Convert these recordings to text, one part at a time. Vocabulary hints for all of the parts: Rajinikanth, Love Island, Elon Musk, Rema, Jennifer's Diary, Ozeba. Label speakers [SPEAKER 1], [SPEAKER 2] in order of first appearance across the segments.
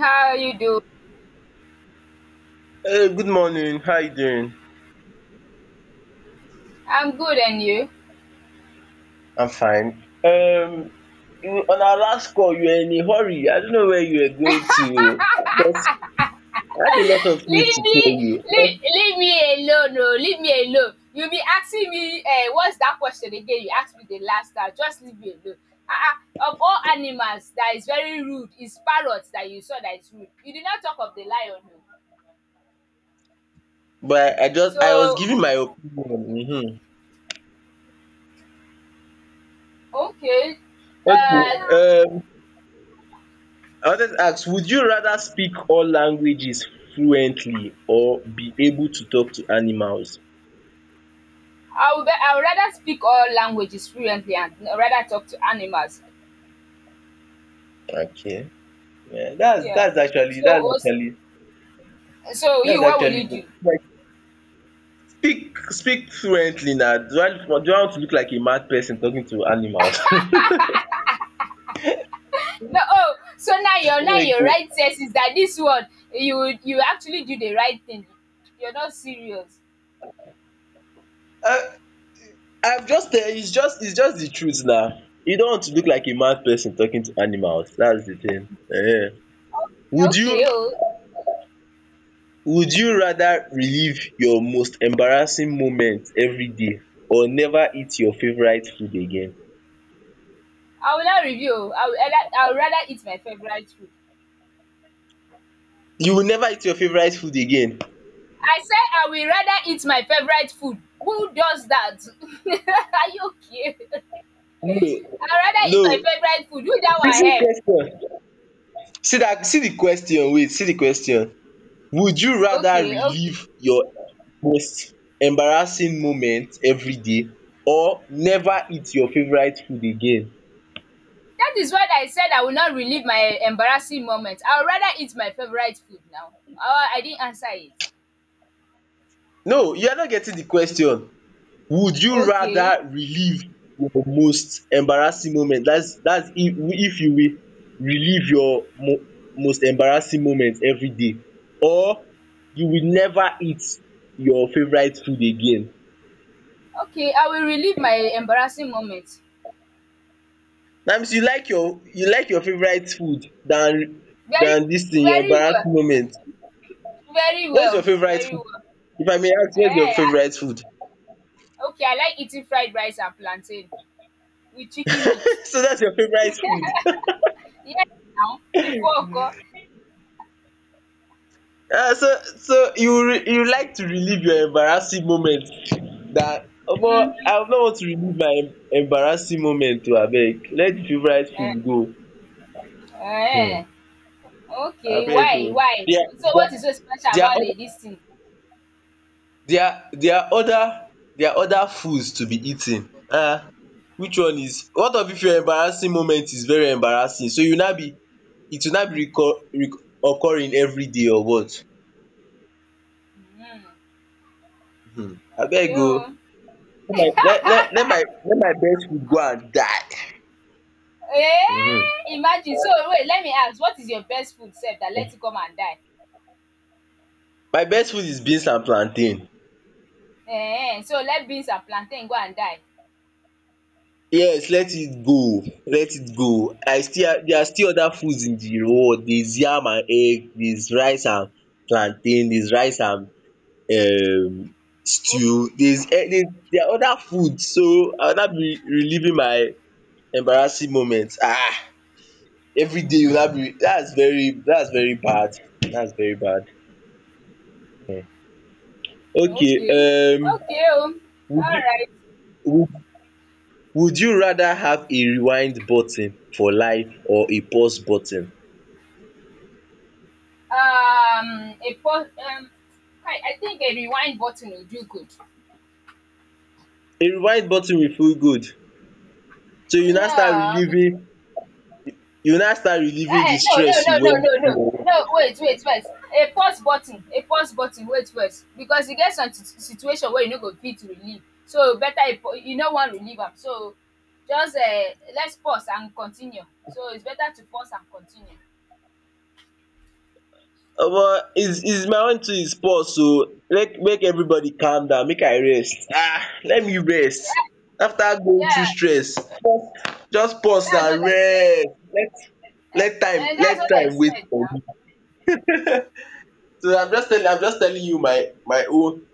[SPEAKER 1] How are you do?
[SPEAKER 2] Hey, good morning. How you doing?
[SPEAKER 1] I'm good and you?
[SPEAKER 2] I'm fine. You- on our last call, you were in a hurry. I don't know where you were going to. Because I had a lot of things
[SPEAKER 1] Leave
[SPEAKER 2] to
[SPEAKER 1] me
[SPEAKER 2] tell you,
[SPEAKER 1] leave me alone, no, leave me alone. You be asking me what's that question again you asked me the last time, just leave me alone. Ah ah of all animals that is very rude is parrot that you saw that is rude. You did not talk of the lion o.
[SPEAKER 2] but I was
[SPEAKER 1] So
[SPEAKER 2] giving my opinion.
[SPEAKER 1] okay
[SPEAKER 2] Okay.
[SPEAKER 1] um
[SPEAKER 2] I wanted to ask: Would you rather speak all languages fluently or be able to talk to animals?
[SPEAKER 1] I would rather speak all languages fluently and rather talk to animals.
[SPEAKER 2] Okay. Yeah, that's
[SPEAKER 1] Yeah.
[SPEAKER 2] that's actually that's
[SPEAKER 1] So
[SPEAKER 2] actually
[SPEAKER 1] so you,
[SPEAKER 2] that's
[SPEAKER 1] what will you
[SPEAKER 2] actually
[SPEAKER 1] do?
[SPEAKER 2] good. Speak fluently now. Do I look- do I want to look like a mad person talking to animals?
[SPEAKER 1] No, oh, so now your right sense is that this one, you actually do the right thing. You're not serious.
[SPEAKER 2] um I'm just tell it's just the truth now. You don't want to look like a mad person talking to animals, that's the thing.
[SPEAKER 1] Oh,
[SPEAKER 2] Would you
[SPEAKER 1] okay, oh,
[SPEAKER 2] would you rather relive your most embarrassing moment everyday or never eat your favourite food again?
[SPEAKER 1] I will not review. Oh, I will rather eat my favorite food.
[SPEAKER 2] You will never eat your favourite food again?
[SPEAKER 1] I said I will rather eat my favorite food. Who does that? Are you okay?
[SPEAKER 2] No,
[SPEAKER 1] I rather eat
[SPEAKER 2] no.
[SPEAKER 1] my favorite food. Who that
[SPEAKER 2] Dis
[SPEAKER 1] one help?
[SPEAKER 2] question see that. See the question wait see the question would you rather
[SPEAKER 1] Okay, okay.
[SPEAKER 2] relive your most embarrassing moment everyday or never eat your favourite food again
[SPEAKER 1] That is what I said. I will not relive my embarrassing moment. I will rather eat my favorite food now. Oh, I didn't answer it.
[SPEAKER 2] no you are not getting the question would you
[SPEAKER 1] Okay.
[SPEAKER 2] rather relive your most embarrassing moment that's if you will relive your most embarrassing moment everyday or you will never eat your favourite food again
[SPEAKER 1] Okay, I will relive my embarrassing moment.
[SPEAKER 2] dat means you like your favourite food
[SPEAKER 1] Very
[SPEAKER 2] than this thing your
[SPEAKER 1] very well,
[SPEAKER 2] embarrassing moment.
[SPEAKER 1] very
[SPEAKER 2] What is your
[SPEAKER 1] well,
[SPEAKER 2] favourite
[SPEAKER 1] very
[SPEAKER 2] food?
[SPEAKER 1] well.
[SPEAKER 2] If I may ask, what is your
[SPEAKER 1] Ehen,
[SPEAKER 2] favourite food?
[SPEAKER 1] I okay, I like eating fried rice and plantain with chicken meat.
[SPEAKER 2] So that's your favourite food.
[SPEAKER 1] Yes now, before nko.
[SPEAKER 2] So you re you like to relieve your embarrassing moment dat omo
[SPEAKER 1] Mhm,
[SPEAKER 2] I no want to relieve my embarrassing moment oo abeg let the favourite food
[SPEAKER 1] eh
[SPEAKER 2] go
[SPEAKER 1] ehen.
[SPEAKER 2] um
[SPEAKER 1] Okay,
[SPEAKER 2] abeg
[SPEAKER 1] why
[SPEAKER 2] oo.
[SPEAKER 1] why?
[SPEAKER 2] There
[SPEAKER 1] So what
[SPEAKER 2] there
[SPEAKER 1] is so special
[SPEAKER 2] there are
[SPEAKER 1] about the
[SPEAKER 2] other
[SPEAKER 1] dis thing?
[SPEAKER 2] dia dia oda dia oda foods to be eating which one is one of if your embarrassing moment is very embarrassing so you now be it will now be recur occurring everyday or what abeg
[SPEAKER 1] Okay
[SPEAKER 2] o
[SPEAKER 1] o.
[SPEAKER 2] let my let my let my best food go and die um
[SPEAKER 1] Eh! Imagine, so wait, let me ask, what is your best food sef dat let it come and die?
[SPEAKER 2] my best food is beans and plantain
[SPEAKER 1] Ehen, so let beans and plantain go and die?
[SPEAKER 2] yes let it go I still dia still oda foods in di world there is yam and egg there is rice and plantain there is rice and um stew.
[SPEAKER 1] Okay.
[SPEAKER 2] There's there are other foods so I will now be reliving my embarrassing moment. Everyday you will now be dats very bad, dats very bad. Okay
[SPEAKER 1] Okay. Okay. Oh.
[SPEAKER 2] would
[SPEAKER 1] All
[SPEAKER 2] you
[SPEAKER 1] right.
[SPEAKER 2] would would you rather have a rewind button for life or a pause button?
[SPEAKER 1] A pause. I think a rewind button would do good.
[SPEAKER 2] A rewind button will feel good so you now start
[SPEAKER 1] Yeah. But,
[SPEAKER 2] reliving you now start reliving
[SPEAKER 1] uh,
[SPEAKER 2] the
[SPEAKER 1] no, no,
[SPEAKER 2] stress you
[SPEAKER 1] no, no,
[SPEAKER 2] went
[SPEAKER 1] no, no.
[SPEAKER 2] through
[SPEAKER 1] no, wait, wait, first. A pause button. A pause button. Wait first. Because you get some situation where you no go fit relieve. So better a you no wan relieve am. So just let's pause and continue. So it's better to pause and continue.
[SPEAKER 2] Omo is my own too is pause oo, make everybody calm down make I rest Ah, let me rest after going
[SPEAKER 1] Yeah,
[SPEAKER 2] through stress just pause
[SPEAKER 1] that's
[SPEAKER 2] and
[SPEAKER 1] what I said.
[SPEAKER 2] rest let
[SPEAKER 1] And,
[SPEAKER 2] let time
[SPEAKER 1] and that's
[SPEAKER 2] let
[SPEAKER 1] what I
[SPEAKER 2] time wait
[SPEAKER 1] said
[SPEAKER 2] for
[SPEAKER 1] now.
[SPEAKER 2] me. So I'm just telling you my my own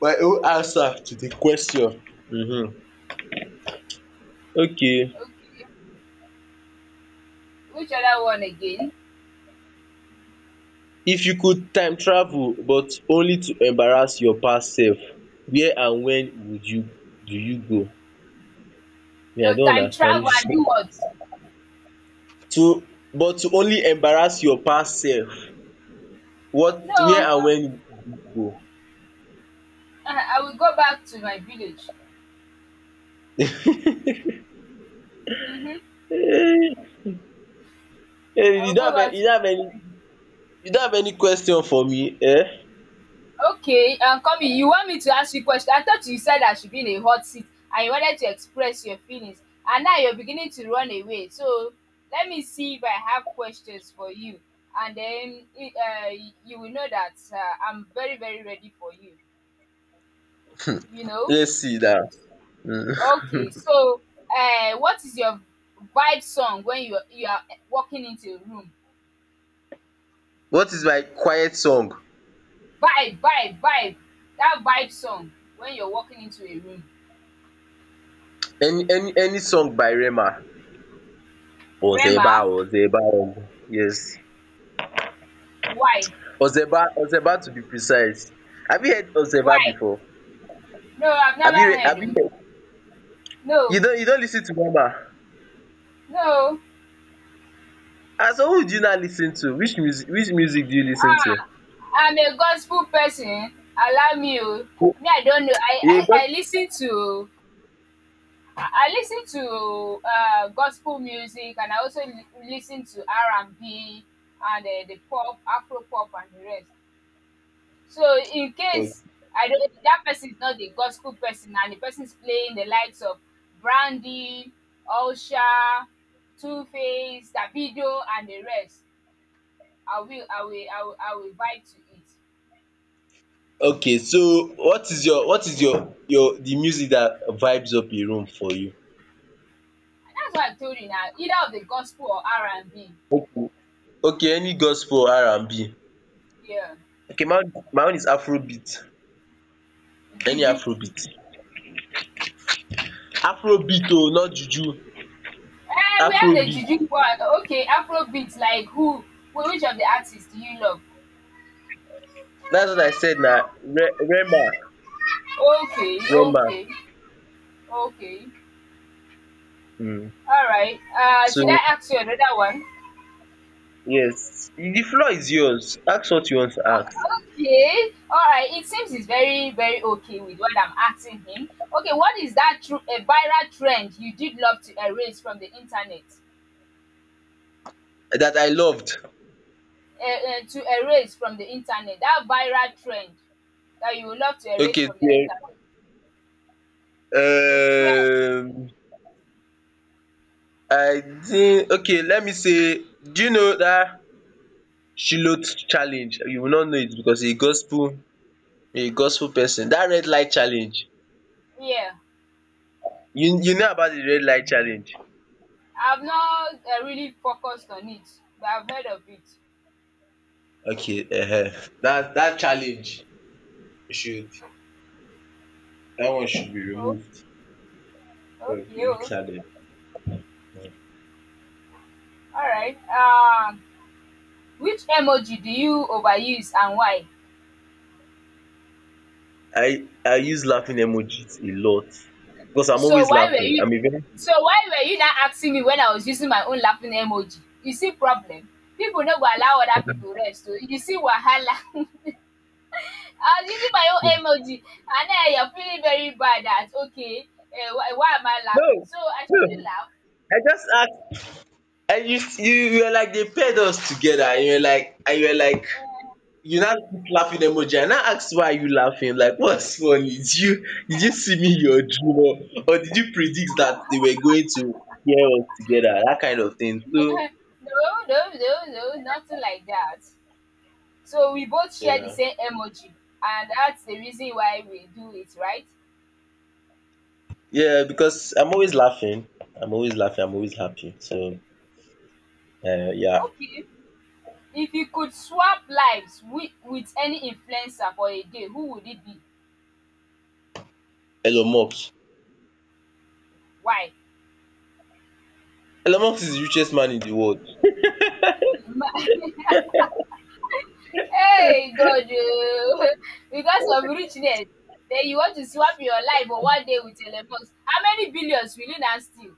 [SPEAKER 2] my own answer to the question um. Okay,
[SPEAKER 1] Okay. Which other one again?
[SPEAKER 2] if you could time travel but only to embarrass your past self, where and when would you do you go? Me I
[SPEAKER 1] Your
[SPEAKER 2] don't
[SPEAKER 1] time
[SPEAKER 2] understand
[SPEAKER 1] travel
[SPEAKER 2] this.
[SPEAKER 1] and do what?
[SPEAKER 2] to but to only embarrass your past self what where
[SPEAKER 1] No,
[SPEAKER 2] and when you go?
[SPEAKER 1] I will go back to my village. Mm-hmm.
[SPEAKER 2] Eh,
[SPEAKER 1] I
[SPEAKER 2] you
[SPEAKER 1] will
[SPEAKER 2] don't
[SPEAKER 1] go
[SPEAKER 2] have any
[SPEAKER 1] back
[SPEAKER 2] you
[SPEAKER 1] to
[SPEAKER 2] don't have any you don't have any question for me eh?
[SPEAKER 1] Okay, Kumi, you want me to ask you a question? I thought you said I should be in a hot seat and you wanted to express your feelings, and now you're beginning to run away. So let me see if I have questions for you, and then you will know that I'm very, very ready for you. You know?
[SPEAKER 2] Let's see now.
[SPEAKER 1] Okay, so what is your vibe song when you are walking into a room?
[SPEAKER 2] What is my quiet song?
[SPEAKER 1] Vibe, vibe, vibe. That vibe song when you're walking into a room.
[SPEAKER 2] Any song by Rema. Ozeba
[SPEAKER 1] Rema,
[SPEAKER 2] Ozeba omo. Yes.
[SPEAKER 1] why,
[SPEAKER 2] Ozeba Ozeba to be precise. Have you heard Ozeba
[SPEAKER 1] why?
[SPEAKER 2] before?
[SPEAKER 1] No, I've never heard
[SPEAKER 2] Have you
[SPEAKER 1] it.
[SPEAKER 2] heard? You
[SPEAKER 1] No,
[SPEAKER 2] don't you don't listen to Rema?
[SPEAKER 1] no.
[SPEAKER 2] Ah, so who do you not listen to? Which music do you listen ten to?
[SPEAKER 1] Ah, I'm a gospel person. Allow me. Oh.
[SPEAKER 2] Who-
[SPEAKER 1] Me, I don't know.
[SPEAKER 2] You
[SPEAKER 1] I I
[SPEAKER 2] got
[SPEAKER 1] listen to I lis to gospel music and I also li lis to R&B and the pop, Afro pop and the rest. So in case I don't that person is not the gospel person and the person is playing the likes of Brandy, Osha, Two Face, Davido and the rest, I will vibe to it.
[SPEAKER 2] Okay, so what is your the music that vibes up a room for you?
[SPEAKER 1] And that's what I told you now. Either of the gospel or R&B.
[SPEAKER 2] Okay, any gospel R&B.
[SPEAKER 1] Yeah.
[SPEAKER 2] Okay, my own is afrobeat, any
[SPEAKER 1] Juju.
[SPEAKER 2] afrobeat. Afrobeat oo not juju,
[SPEAKER 1] Eh, we have the
[SPEAKER 2] afrobeat.
[SPEAKER 1] juju one. Okay, Afrobeat, like who? Which of the artists do you love?
[SPEAKER 2] Dat's what I said na re rema
[SPEAKER 1] Okay,
[SPEAKER 2] rema
[SPEAKER 1] okay, okay.
[SPEAKER 2] um
[SPEAKER 1] All right. Should
[SPEAKER 2] so
[SPEAKER 1] I ask you another one?
[SPEAKER 2] yes, the floor is yours, ask what you want to ask.
[SPEAKER 1] Okay. All right. It seems he's very, very okay with what I'm asking him. Okay, what is that a viral trend you did love to erase from the internet?
[SPEAKER 2] Dat I loved.
[SPEAKER 1] To erase from the internet, that viral trend that you would love to erase
[SPEAKER 2] Okay
[SPEAKER 1] from the
[SPEAKER 2] then,
[SPEAKER 1] internet. The trend,
[SPEAKER 2] um I think okay let me say do you know dat Shiloth challenge you will not know it because a gospel person. That red light challenge
[SPEAKER 1] yeah.
[SPEAKER 2] you you know about the red light challenge?
[SPEAKER 1] I've not really focused on it, but I've heard of it.
[SPEAKER 2] Okay that challenge should that one should be
[SPEAKER 1] Oh,
[SPEAKER 2] removed from
[SPEAKER 1] okay.
[SPEAKER 2] the
[SPEAKER 1] Oh,
[SPEAKER 2] challenge.
[SPEAKER 1] all right. Which emoji do you overuse and why?
[SPEAKER 2] I use laughing emojis a lot because I'm
[SPEAKER 1] So
[SPEAKER 2] always
[SPEAKER 1] why were
[SPEAKER 2] laughing.
[SPEAKER 1] you?
[SPEAKER 2] I'm a very
[SPEAKER 1] So why were you not asking me when I was using my own laughing emoji? You see problem. People no go allow other people rest. So you see wahala. I was using my own emoji, and then you're feeling very bad. That okay, why am I
[SPEAKER 2] No,
[SPEAKER 1] laughing? So I
[SPEAKER 2] no
[SPEAKER 1] shouldn't laugh.
[SPEAKER 2] I just ask and you were like they paired us together and you were like and you were like. You now put laughing emoji. I now ask why are you laughing? Like what's funny? Did you see me in your dream, or did you predict that they were going to hear us together? That kind of thing.
[SPEAKER 1] no,
[SPEAKER 2] So
[SPEAKER 1] no, no, no, no, nothing like that. So we both
[SPEAKER 2] you
[SPEAKER 1] share the
[SPEAKER 2] know.
[SPEAKER 1] same emoji, and that's the reason why we do it, right?
[SPEAKER 2] Yeah, because I'm always laughing. I'm always laughing. I'm always happy. So yeah.
[SPEAKER 1] Okay. If you could swap lives with any influencer for a day, who would it be?
[SPEAKER 2] Elon Musk.
[SPEAKER 1] Why?
[SPEAKER 2] Elon Musk is the richest man in the world.
[SPEAKER 1] Ma- hey, God, oh. Because of richness, then you want to swap your life for one day with Elon Musk. How many billions will you now steal?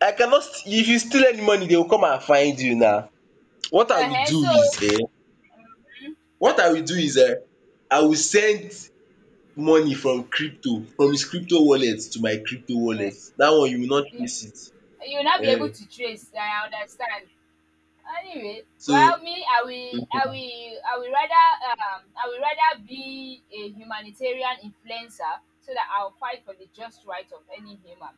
[SPEAKER 2] I cannot st- if you steal any money, they will come and find you now. What I will
[SPEAKER 1] Uh-huh,
[SPEAKER 2] do
[SPEAKER 1] so
[SPEAKER 2] is eh, what I will do is eh, I will send money from crypto from his crypto wallet to my crypto wallet
[SPEAKER 1] uh,
[SPEAKER 2] dat one you will not trace
[SPEAKER 1] you
[SPEAKER 2] it
[SPEAKER 1] will not be able to trace. I understand. Anyway, well
[SPEAKER 2] so
[SPEAKER 1] me I will rather I will rather be a humanitarian influencer so that I'll fight for the just right of any human.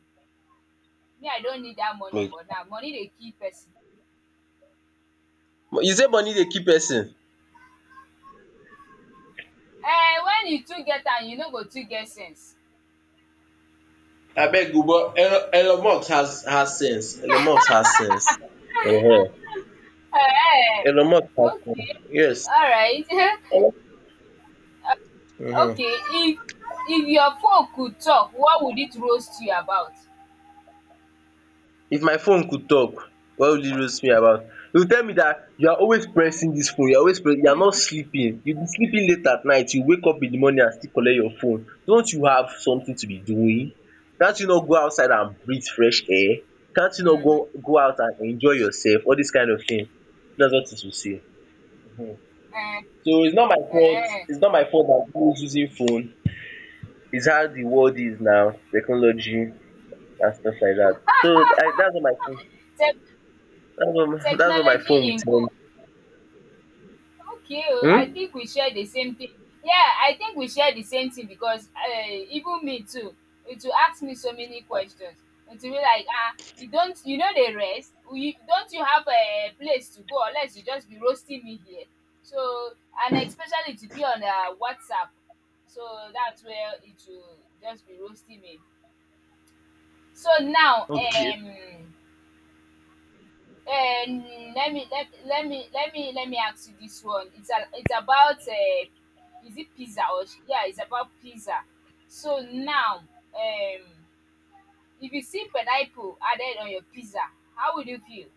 [SPEAKER 1] Me I don't need that money for now, money dey kill person.
[SPEAKER 2] you say money dey kill person?
[SPEAKER 1] Eh, when you too get am you no go too get sense.
[SPEAKER 2] Abeg o but Elon Elon Musk has sense, Elon Musk has sense um
[SPEAKER 1] um
[SPEAKER 2] Elon Musk has sense
[SPEAKER 1] Okay,
[SPEAKER 2] yes
[SPEAKER 1] alright.
[SPEAKER 2] um
[SPEAKER 1] Okay, if your phone could talk, what would it roast you about?
[SPEAKER 2] if my phone could talk, what would it roast me about e go tell me that you are always pressing this phone you are always pressing. You are not sleeping you be sleeping late at night you wake up in the morning and still collect your phone don't you have something to be doing can't you not go outside and breathe fresh air can't you not go out and enjoy yourself all this kind of thing That's what it will say um
[SPEAKER 1] Eh,
[SPEAKER 2] so its not my fault
[SPEAKER 1] eh.
[SPEAKER 2] its not my fault that am always using phone its how the world is now technology and stuff like that. So I, that's not my fault.
[SPEAKER 1] Tech
[SPEAKER 2] That's what my
[SPEAKER 1] technology
[SPEAKER 2] phone will
[SPEAKER 1] in
[SPEAKER 2] tell me.
[SPEAKER 1] book. Okay oh, I
[SPEAKER 2] Hmm?
[SPEAKER 1] think we share the same thing. Yeah, I think we share the same thing because even me too, it will ask me so many questions. It will be like ah you don't you know the rest? You don't you have a place to go unless you just be roasting me here. So and especially to be on WhatsApp. So that's where it will just be roasting me. So now
[SPEAKER 2] Okay.
[SPEAKER 1] Um, let me let me ask you this one. It's a, it's about is it pizza or yeah, it's about pizza. So now, um, if you see pineapple added on your pizza, how would you feel?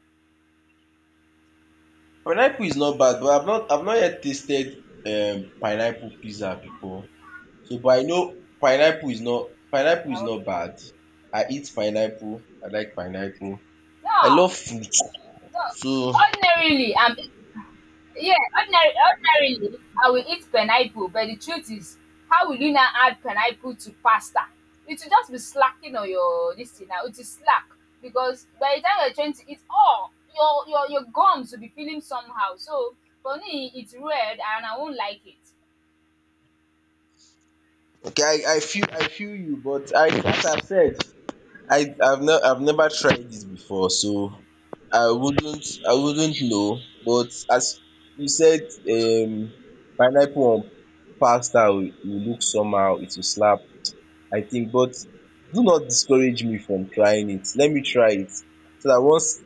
[SPEAKER 2] Pineapple is not bad, but I've not yet tasted pineapple pizza before. So but I know pineapple is not bad.
[SPEAKER 1] Okay.
[SPEAKER 2] I eat pineapple. I like pineapple. I
[SPEAKER 1] No,
[SPEAKER 2] love fruit.
[SPEAKER 1] no.
[SPEAKER 2] So
[SPEAKER 1] Ordinarily, I'm Yeah, ordinarily, I will eat pineapple, but the truth is, how will you now add pineapple to pasta? It will just be slacking on your this thing now. It is slack because by the time you're trying to eat, oh, your gums will be feeling somehow. So for me, it's red and I won't like it.
[SPEAKER 2] okay, I, I feel you, but I as I've said I I've ne I've never tried it before so I wouldn't know but as you said pineapple on pasta will look somehow, it will slap I think but do not discourage me from trying it, let me try it so dat once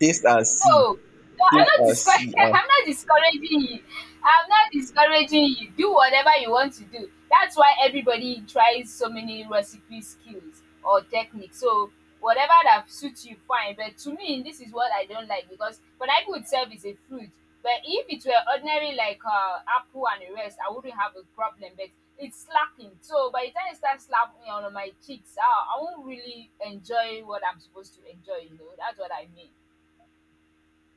[SPEAKER 2] taste and see,
[SPEAKER 1] No, no, I'm
[SPEAKER 2] taste
[SPEAKER 1] not
[SPEAKER 2] and see
[SPEAKER 1] discouraging.
[SPEAKER 2] and
[SPEAKER 1] I'm not discouraging you. I'm not discouraging you. Do whatever you want to do. That's why everybody tries so many recipe skills or techniques. So whatever that suits you, fine. But to me, this is what I don't like because pineapple itself is a fruit. But if it were ordinary like apple and the rest, I wouldn't have a problem. But it's slacking. So by the time it starts slapping me on my cheeks, I won't really enjoy what I'm supposed to enjoy. You know, that's what I mean.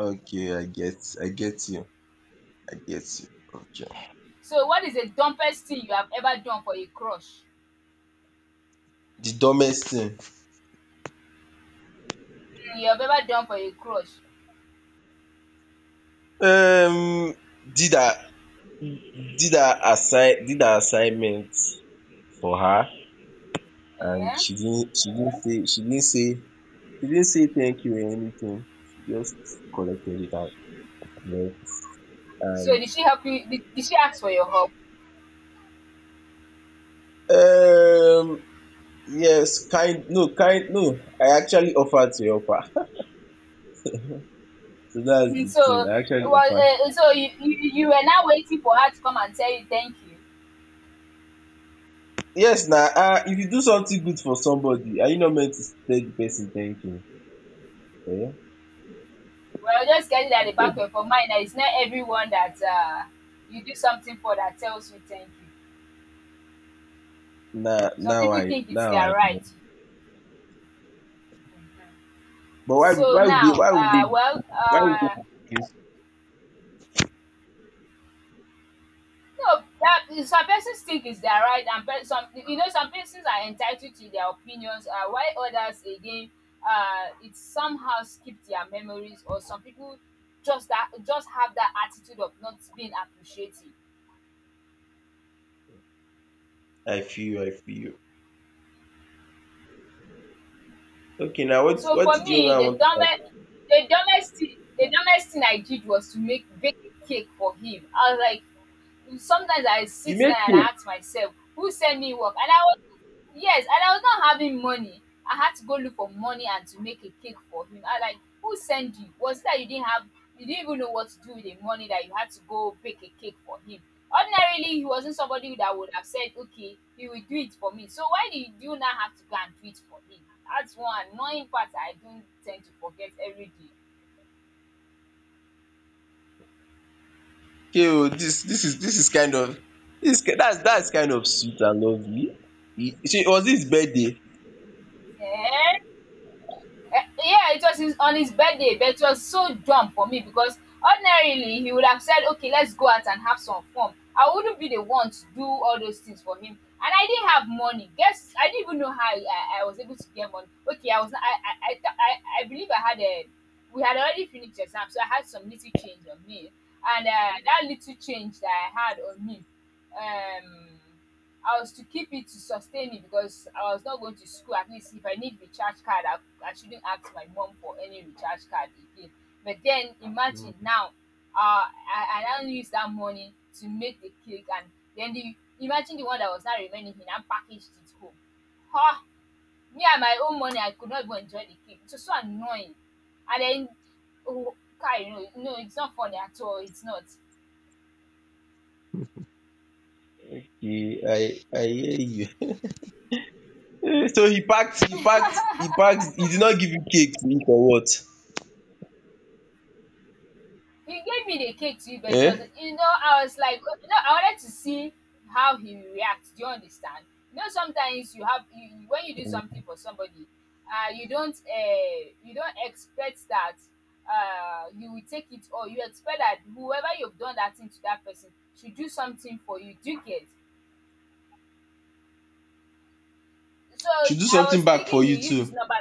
[SPEAKER 2] okay I get you I get you okay.
[SPEAKER 1] So what is the dumbest thing you have ever done for a crush?
[SPEAKER 2] De dumbest thing
[SPEAKER 1] You have ever done for a crush?
[SPEAKER 2] um did I did her assignment for her and
[SPEAKER 1] Eh?
[SPEAKER 2] she didn't say she didn't say thank you or anything she just collected it and left
[SPEAKER 1] So
[SPEAKER 2] and
[SPEAKER 1] did she help you? Did she ask for your help?
[SPEAKER 2] um yes kind no I actually offered to help her so that's
[SPEAKER 1] Mhm.
[SPEAKER 2] the thing
[SPEAKER 1] So
[SPEAKER 2] I actually
[SPEAKER 1] well,
[SPEAKER 2] offered
[SPEAKER 1] so you, you were now waiting for her to come and tell you thank you.
[SPEAKER 2] yes Now, if you do something good for somebody are you not meant to tell the person thank you eh
[SPEAKER 1] Well, just get it at the back of your mind that it's not everyone that you do something for that tells you thank you.
[SPEAKER 2] Now,
[SPEAKER 1] Some
[SPEAKER 2] now
[SPEAKER 1] people
[SPEAKER 2] I
[SPEAKER 1] think it's
[SPEAKER 2] now
[SPEAKER 1] their
[SPEAKER 2] I
[SPEAKER 1] right.
[SPEAKER 2] know but why would
[SPEAKER 1] So
[SPEAKER 2] why would they
[SPEAKER 1] now,
[SPEAKER 2] why would they Why you dey accuse
[SPEAKER 1] no, that some persons think is their right and pe some, you know, some persons are entitled to their opinions, while others again, it somehow skip their memories or some people just have that attitude of not being appreciative.
[SPEAKER 2] I feel you. Okay now what
[SPEAKER 1] So
[SPEAKER 2] what
[SPEAKER 1] for
[SPEAKER 2] did you
[SPEAKER 1] me,
[SPEAKER 2] now
[SPEAKER 1] the
[SPEAKER 2] want to
[SPEAKER 1] dumbest
[SPEAKER 2] ask?
[SPEAKER 1] the dumbest thing the dumbest thing I did was to make bake a cake for him. I was like, sometimes I
[SPEAKER 2] You
[SPEAKER 1] sit
[SPEAKER 2] made
[SPEAKER 1] down and
[SPEAKER 2] cake.
[SPEAKER 1] I ask myself, who sent me work? And I was yes, and I was not having money. I had to go look for money and to make a cake for him. I like, who sent you? Was it that you didn't have, you didn't even know what to do with the money that you had to go bake a cake for him? Ordinarily, he wasn't somebody that would have said, okay, he will do it for me. So why did you do, you now have to go and do it for him? That's one annoying part I don't tend to forget every day.
[SPEAKER 2] Okay o, this dis is this is kind of dis that's kind of sweet and lovely. E shey was his birthday?
[SPEAKER 1] Eh? Eh, yeah, it was his, on his birthday, but it was so dumb for me because ordinarily he would have said, "Okay, let's go out and have some fun." I wouldn't be the one to do all those things for him, and I didn't have money. Guess I didn't even know how I was able to get money. Okay, I was not- I believe I had a we had already finished exam, so I had some little change on me, and that little change that I had on me, um I was to keep it to sustain me because I was not going to school. At least if I need recharge card, I shouldn't ask my mom for any recharge card again. But then imagine now, I now use that money to make the cake, and then the imagine the one that was not remaining, he now packaged it home. Huh? Me and my own money, I could not even enjoy the cake. It was so annoying. And then, oh, Kai, no, it's not funny at all. It's not.
[SPEAKER 2] Okay, I hear you. So he packed he did not give you cake to eat or what?
[SPEAKER 1] He gave me the cake too, but it was
[SPEAKER 2] um
[SPEAKER 1] you know, I was like okay, I wanted to see how he reacts. Do you understand? You know, sometimes you have you you when you do something for somebody, you don't expect that you will take it or you expect that whoever you've done that thing to that person should do something for you, do you get? So,
[SPEAKER 2] Should do
[SPEAKER 1] I was
[SPEAKER 2] something back
[SPEAKER 1] thinking
[SPEAKER 2] for
[SPEAKER 1] he will
[SPEAKER 2] you
[SPEAKER 1] use his
[SPEAKER 2] too.
[SPEAKER 1] number.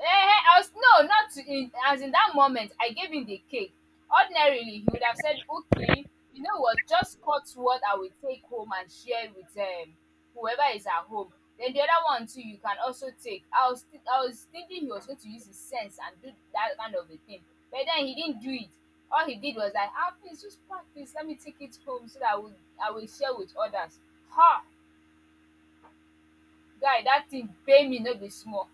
[SPEAKER 1] Ehen, I was no, not to in as in that moment I gave him the cake. Ordinarily he would have said, "Okay, you know what, just cut what I will take home and share with whoever is at home. Then the other one too you can also take." I was thinking he was going to use his sense and do that kind of a thing, but then he didn't do it. All he did was like, "Ah, please just pack this, let me take it home so that I will share with others." Ha! Guy, that thing pay me no be small.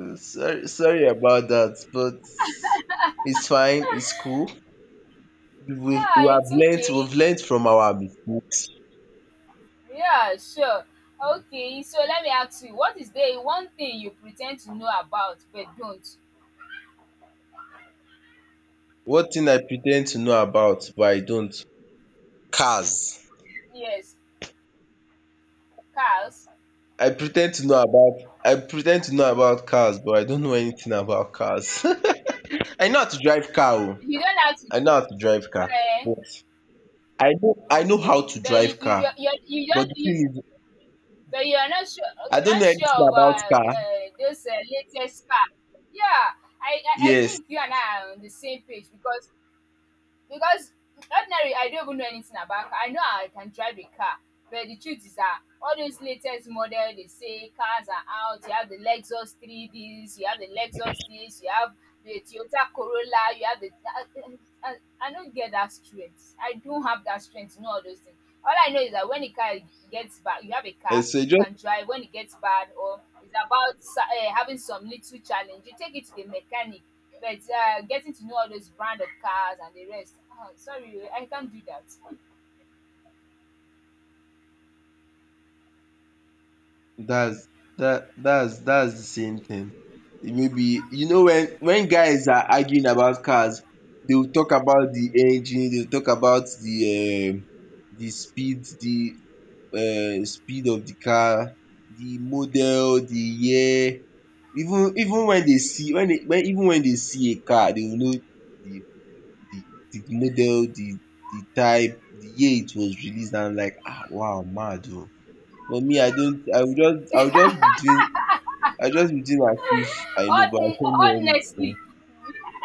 [SPEAKER 2] Sorry about that, but it's fine, it's cool.
[SPEAKER 1] Yeah,
[SPEAKER 2] We have
[SPEAKER 1] it's
[SPEAKER 2] learnt,
[SPEAKER 1] okay.
[SPEAKER 2] we've learnt from our mistakes.
[SPEAKER 1] Yeah, sure. Okay, so let me ask you, what is the one thing you pretend to know about but don't?
[SPEAKER 2] What thing I pretend to know about, but I don't. Cars.
[SPEAKER 1] Yes, cars.
[SPEAKER 2] I pretend to know about cars, but I don't know anything about cars. I know how to drive car Oh.
[SPEAKER 1] You don't have to.
[SPEAKER 2] I know how to drive car.
[SPEAKER 1] Eh,
[SPEAKER 2] But I know how
[SPEAKER 1] okay,
[SPEAKER 2] to
[SPEAKER 1] but you
[SPEAKER 2] drive
[SPEAKER 1] you
[SPEAKER 2] car.
[SPEAKER 1] you you you
[SPEAKER 2] But
[SPEAKER 1] don't.
[SPEAKER 2] the thing is,
[SPEAKER 1] But you're not sure.
[SPEAKER 2] I
[SPEAKER 1] You're
[SPEAKER 2] don't
[SPEAKER 1] not
[SPEAKER 2] know
[SPEAKER 1] sure
[SPEAKER 2] anything about
[SPEAKER 1] about
[SPEAKER 2] car.
[SPEAKER 1] those latest car. Yeah, I
[SPEAKER 2] Yes.
[SPEAKER 1] think you and I are on the same page because ordinary I don't even know anything about car, I know I can drive a car, but the truth is that all those latest model they say cars are out, you have the lexus 3ds, you have the lexus this, you have the toyota corolla you have the I, I don't get that strength, I don't have that strength to know all those things. All I know is that when the car gets bad, you have a
[SPEAKER 2] And
[SPEAKER 1] car
[SPEAKER 2] so it
[SPEAKER 1] you
[SPEAKER 2] just
[SPEAKER 1] can drive, when it gets bad or it's about having some little challenge, you take it to the mechanic. But getting to know all those brand of cars and the rest, ah, sorry, I can't do that.
[SPEAKER 2] That's that's that's the same thing. Maybe you know when guys are arguing about cars, they will talk about the engine, they will talk about the speed of the car, the model, the year. Even even when they see when they when even when they see a car, they will know the the the model, the type, the year it was released. And I'm like, ah, wow, mad oh. For me I don't I will just be doing I will just be doing as if I know but I don't know
[SPEAKER 1] Honestly
[SPEAKER 2] anything.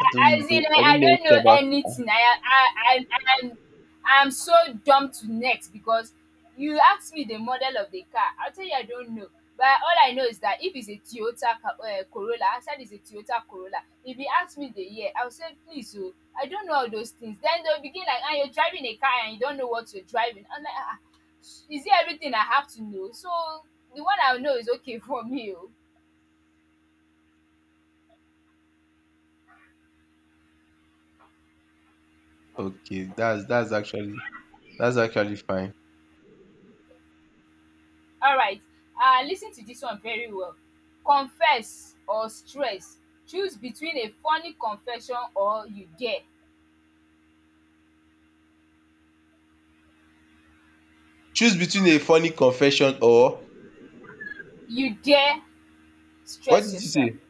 [SPEAKER 2] I don't
[SPEAKER 1] I, as in
[SPEAKER 2] know I don't
[SPEAKER 1] I
[SPEAKER 2] know
[SPEAKER 1] don't know
[SPEAKER 2] anything about car.
[SPEAKER 1] anything. I Am I'm so dumb to next because you ask me the model of the car, I tell you I don't know. But all I know is that if it's a corolla, answer is a toyota corolla. If you ask me the year, I will say please oh, I don't know all those things. Then they will begin like, ah, you're driving a car and you don't know what you're driving, I'm like, ah, is it everything I have to know? So the one I know is okay for me oh.
[SPEAKER 2] Okay, that's actually that's actually fine.
[SPEAKER 1] All right. Listen to this one very well. Confess or stress. Choose between a funny confession or you dare.
[SPEAKER 2] Choose between a funny confession or
[SPEAKER 1] You dare
[SPEAKER 2] what
[SPEAKER 1] stress
[SPEAKER 2] did you
[SPEAKER 1] yourself.
[SPEAKER 2] say?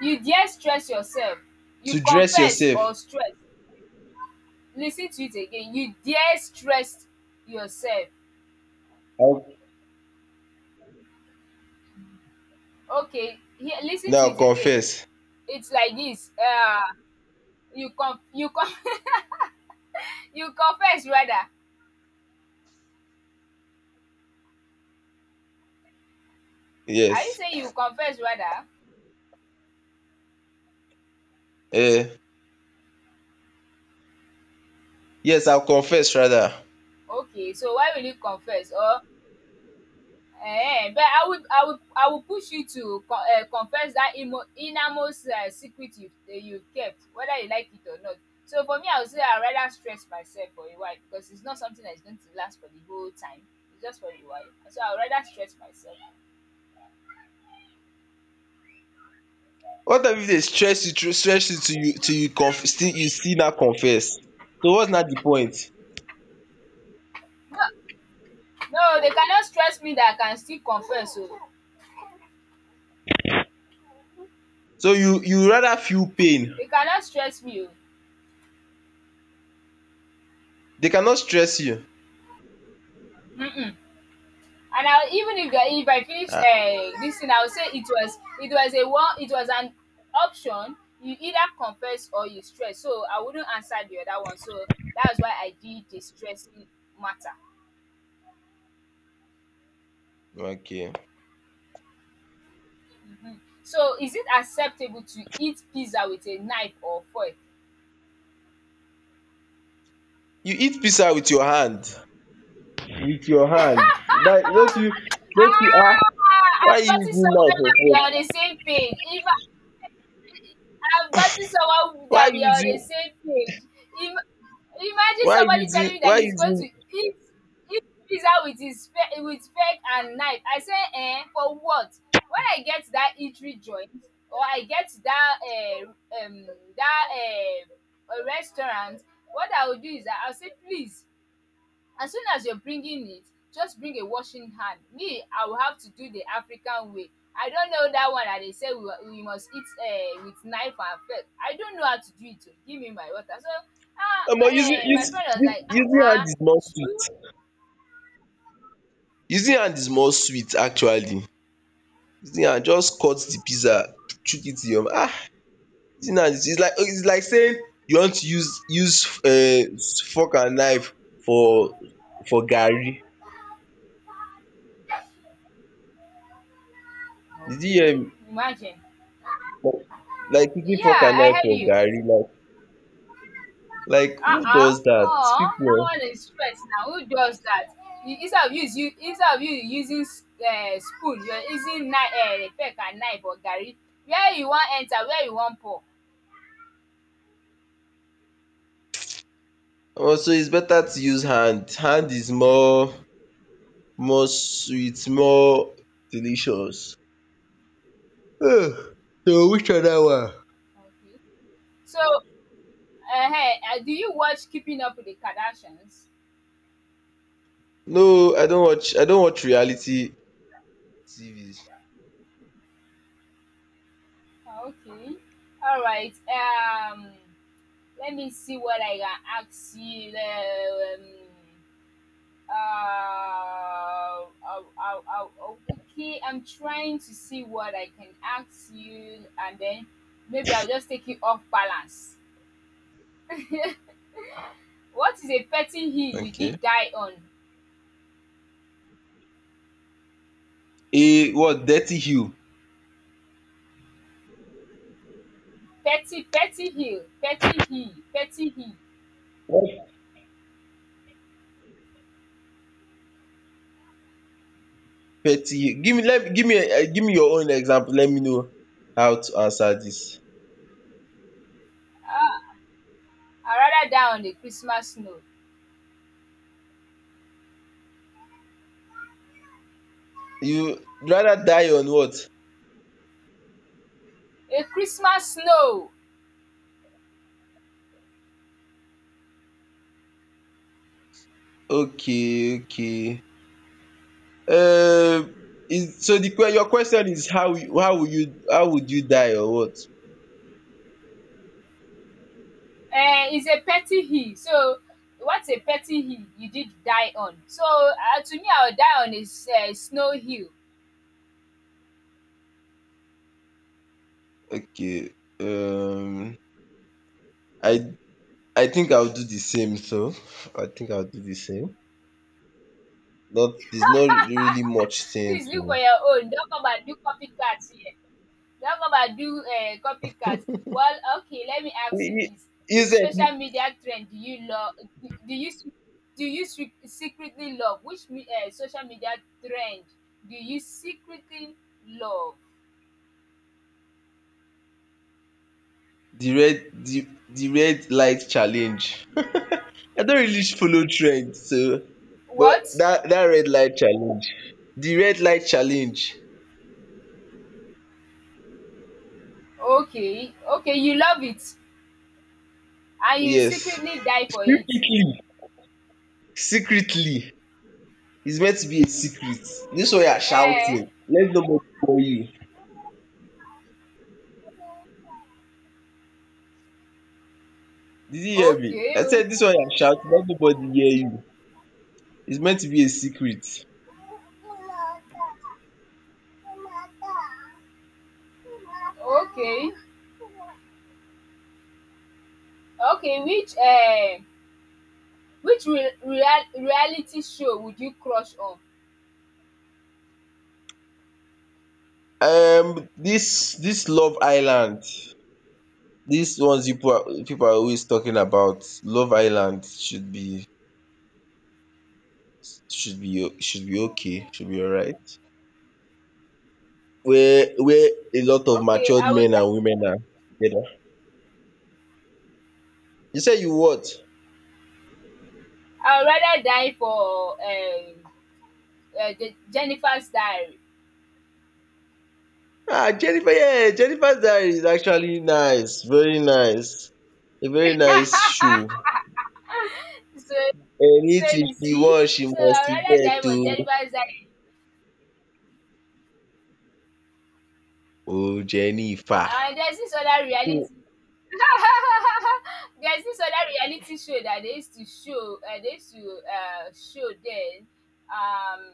[SPEAKER 1] You dare stress yourself. You
[SPEAKER 2] To dress
[SPEAKER 1] confess
[SPEAKER 2] yourself.
[SPEAKER 1] or stress. Listen to it again. You dare stress yourself.
[SPEAKER 2] I'll
[SPEAKER 1] Okay. Here, listen to
[SPEAKER 2] now
[SPEAKER 1] it again.
[SPEAKER 2] confess.
[SPEAKER 1] It's like this. You con you confess rather. Are you
[SPEAKER 2] Yes.
[SPEAKER 1] saying you confess rather?
[SPEAKER 2] Eh, yes, I'll confess rather.
[SPEAKER 1] Okay. So why will you confess or Eh, but I will push you to confess that innermost secret you you kept, whether you like it or not. So for me, I would say I rather stress myself for a while because it's not something that is going to last for the whole time. It's just for a while. So I would rather stress myself.
[SPEAKER 2] What if they stress you through stress you till you till you still now confess? So what's now the point?
[SPEAKER 1] No, they cannot stress me that I can still confess. So
[SPEAKER 2] So you rather feel pain
[SPEAKER 1] they cannot stress me.
[SPEAKER 2] They cannot stress you.
[SPEAKER 1] Oh. And I even if the, if I finish
[SPEAKER 2] Ah,
[SPEAKER 1] this thing, I would say it was a one, it was an option. You either confess or you stress. So I wouldn't answer the other one. So that's why I did the stressing matter.
[SPEAKER 2] okay.
[SPEAKER 1] Mhm. So is it acceptable to eat pizza with a knife or fork?
[SPEAKER 2] You eat pizza with your hand. With your hand. That don't you ah
[SPEAKER 1] Ah,
[SPEAKER 2] why you
[SPEAKER 1] I've gotten
[SPEAKER 2] using
[SPEAKER 1] someone
[SPEAKER 2] knife for
[SPEAKER 1] that we are on the
[SPEAKER 2] food?
[SPEAKER 1] same page. If I, I've gotten someone
[SPEAKER 2] Why
[SPEAKER 1] that we are on the
[SPEAKER 2] using
[SPEAKER 1] same page. If Imagine
[SPEAKER 2] why
[SPEAKER 1] somebody telling
[SPEAKER 2] using
[SPEAKER 1] me that
[SPEAKER 2] why
[SPEAKER 1] he's going to
[SPEAKER 2] using
[SPEAKER 1] eat pizza with his fe with fork and knife. I say for what? When I get to that eatery joint or I get to that um that restaurant, what I will do is that I'll say please. As soon as you're bringing it, just bring a washing hand. Me, I will have to do the African way. I don't know that one that they say we must eat with knife and fork. I don't know how to do it. Oh. Give me my water. So, ah,
[SPEAKER 2] Omo using
[SPEAKER 1] my
[SPEAKER 2] use
[SPEAKER 1] friend was
[SPEAKER 2] use
[SPEAKER 1] like,
[SPEAKER 2] using hand
[SPEAKER 1] ah,
[SPEAKER 2] is more sweet.
[SPEAKER 1] chew?
[SPEAKER 2] Using hand is more sweet actually. Using hand just cut the pizza chook it in your mouth. Ah using hand is is like saying you want to use fork and knife for for garri. Did you
[SPEAKER 1] Okay,
[SPEAKER 2] hear me?
[SPEAKER 1] imagine.
[SPEAKER 2] Like like using fork
[SPEAKER 1] Yeah,
[SPEAKER 2] and
[SPEAKER 1] I
[SPEAKER 2] knife
[SPEAKER 1] heard
[SPEAKER 2] for
[SPEAKER 1] you.
[SPEAKER 2] garri, like
[SPEAKER 1] Ah
[SPEAKER 2] who
[SPEAKER 1] ah,
[SPEAKER 2] does that?
[SPEAKER 1] omo dat
[SPEAKER 2] People. Eh.
[SPEAKER 1] one is stress na, who does dat? You instead of you is instead of you using spoon, you are using fork and knife for garri, where you wan pour.
[SPEAKER 2] Also, it's better to use hand. Hand is more more sweet, more delicious. Ugh. So which other one?
[SPEAKER 1] Okay. So um do you watch Keeping Up with the Kardashians?
[SPEAKER 2] No, I don't watch. I don't watch reality TVs.
[SPEAKER 1] Okay, alright, let me see what I can ask you uh, uh, I, uh, okay, I'm trying to see what I can ask you, and then maybe I'll just take it off balance. What is a petty hill you
[SPEAKER 2] Okay.
[SPEAKER 1] did die on?
[SPEAKER 2] A what? Dirty Hugh.
[SPEAKER 1] Petty hill.
[SPEAKER 2] What? Petty. Hugh. Give me. Let give me. Give me your own example. Let me know how to answer this.
[SPEAKER 1] I rather die on a Christmas snow.
[SPEAKER 2] You rather die on what?
[SPEAKER 1] A Christmas snow
[SPEAKER 2] Okay. Okay. Uh, is so the que your question is how you how would you how would you die or what?
[SPEAKER 1] is a petty hill. So, what's a petty hill you did die on? So, to me, I'll die on a snow hill.
[SPEAKER 2] Okay. Um, I I think I'll do the same. So I think I'll do the same. Not there's not really much saying
[SPEAKER 1] Please look for
[SPEAKER 2] to.
[SPEAKER 1] your own. Don't come and do copycats here. Don't come and do copycats. Well, okay, let me ask you
[SPEAKER 2] I-
[SPEAKER 1] this. Which
[SPEAKER 2] Is it
[SPEAKER 1] social media trend do you love? Do you s- do you secretly love? Which social media trend do you secretly love?
[SPEAKER 2] the red light challenge? I don't really follow trend. So, but
[SPEAKER 1] What?
[SPEAKER 2] that red light challenge, the red light challenge.
[SPEAKER 1] Okay, okay, you love it and you
[SPEAKER 2] Yes,
[SPEAKER 1] secretly die for it.
[SPEAKER 2] secretly, secretly It's meant to be a secret. This one you are
[SPEAKER 1] Eh?
[SPEAKER 2] shouting, let nobody hear you. Did you hear me?
[SPEAKER 1] Okay.
[SPEAKER 2] I
[SPEAKER 1] Oh.
[SPEAKER 2] said this one you are shouting, let nobody hear you. It's meant to be a secret.
[SPEAKER 1] Okay. Okay, which re real reality show would you crush on?
[SPEAKER 2] This Love Island, these ones you people are always talking about, Love Island should be should be should be okay, should be alright. Where a lot of
[SPEAKER 1] Okay,
[SPEAKER 2] matured men and women are together. You said you what?
[SPEAKER 1] I would rather die for Je Jennifer's Diary.
[SPEAKER 2] Ah, Jennifer, yeah, Jennifer's Diary is actually nice, very nice. A very nice show.
[SPEAKER 1] So, so
[SPEAKER 2] Anything
[SPEAKER 1] you
[SPEAKER 2] she
[SPEAKER 1] see,
[SPEAKER 2] wants, she
[SPEAKER 1] so I
[SPEAKER 2] must
[SPEAKER 1] would rather die
[SPEAKER 2] get
[SPEAKER 1] for
[SPEAKER 2] o.
[SPEAKER 1] Jennifer's Diary,
[SPEAKER 2] Oh, Jennifer.
[SPEAKER 1] and there's this other reality there's this other reality show that they used to show they used to show then um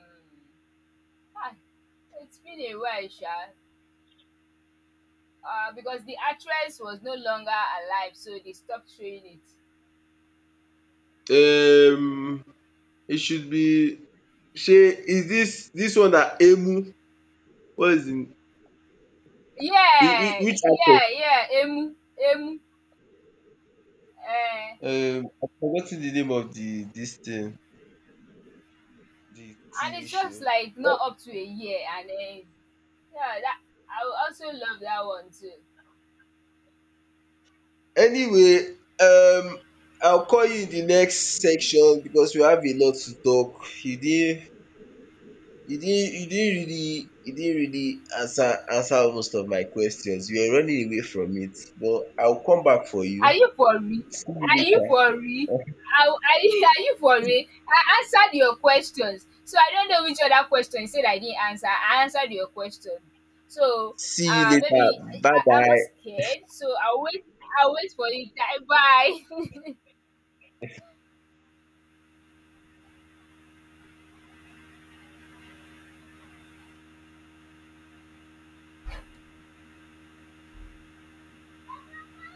[SPEAKER 1] ah it's been a while sha. Uh, because the actress was no longer alive, so they stopped showing it.
[SPEAKER 2] Um, it should be. She is this one that Emu. What is in
[SPEAKER 1] Yeah,
[SPEAKER 2] which actor?
[SPEAKER 1] Emu, Emu. Uh,
[SPEAKER 2] I've forgotten the name of the this thing, the
[SPEAKER 1] and
[SPEAKER 2] TV
[SPEAKER 1] it's just
[SPEAKER 2] show.
[SPEAKER 1] like not up to a year, and then yeah, that I would also love that one too.
[SPEAKER 2] Anyway, um I'll call you in the next section because we have a lot to talk. You didn't you didn't you didn't really answer answer most of my questions. You were running away from it, but I'll come back for
[SPEAKER 1] Are
[SPEAKER 2] you.
[SPEAKER 1] you for real?
[SPEAKER 2] See you
[SPEAKER 1] Are you
[SPEAKER 2] later.
[SPEAKER 1] for real? Are you for real? I answered your questions. So I don't know which other question you said I didn't answer. I answered your question. So
[SPEAKER 2] See you later.
[SPEAKER 1] maybe
[SPEAKER 2] Bye
[SPEAKER 1] I'm not
[SPEAKER 2] bye.
[SPEAKER 1] scared. So I'll wait for you. Bye.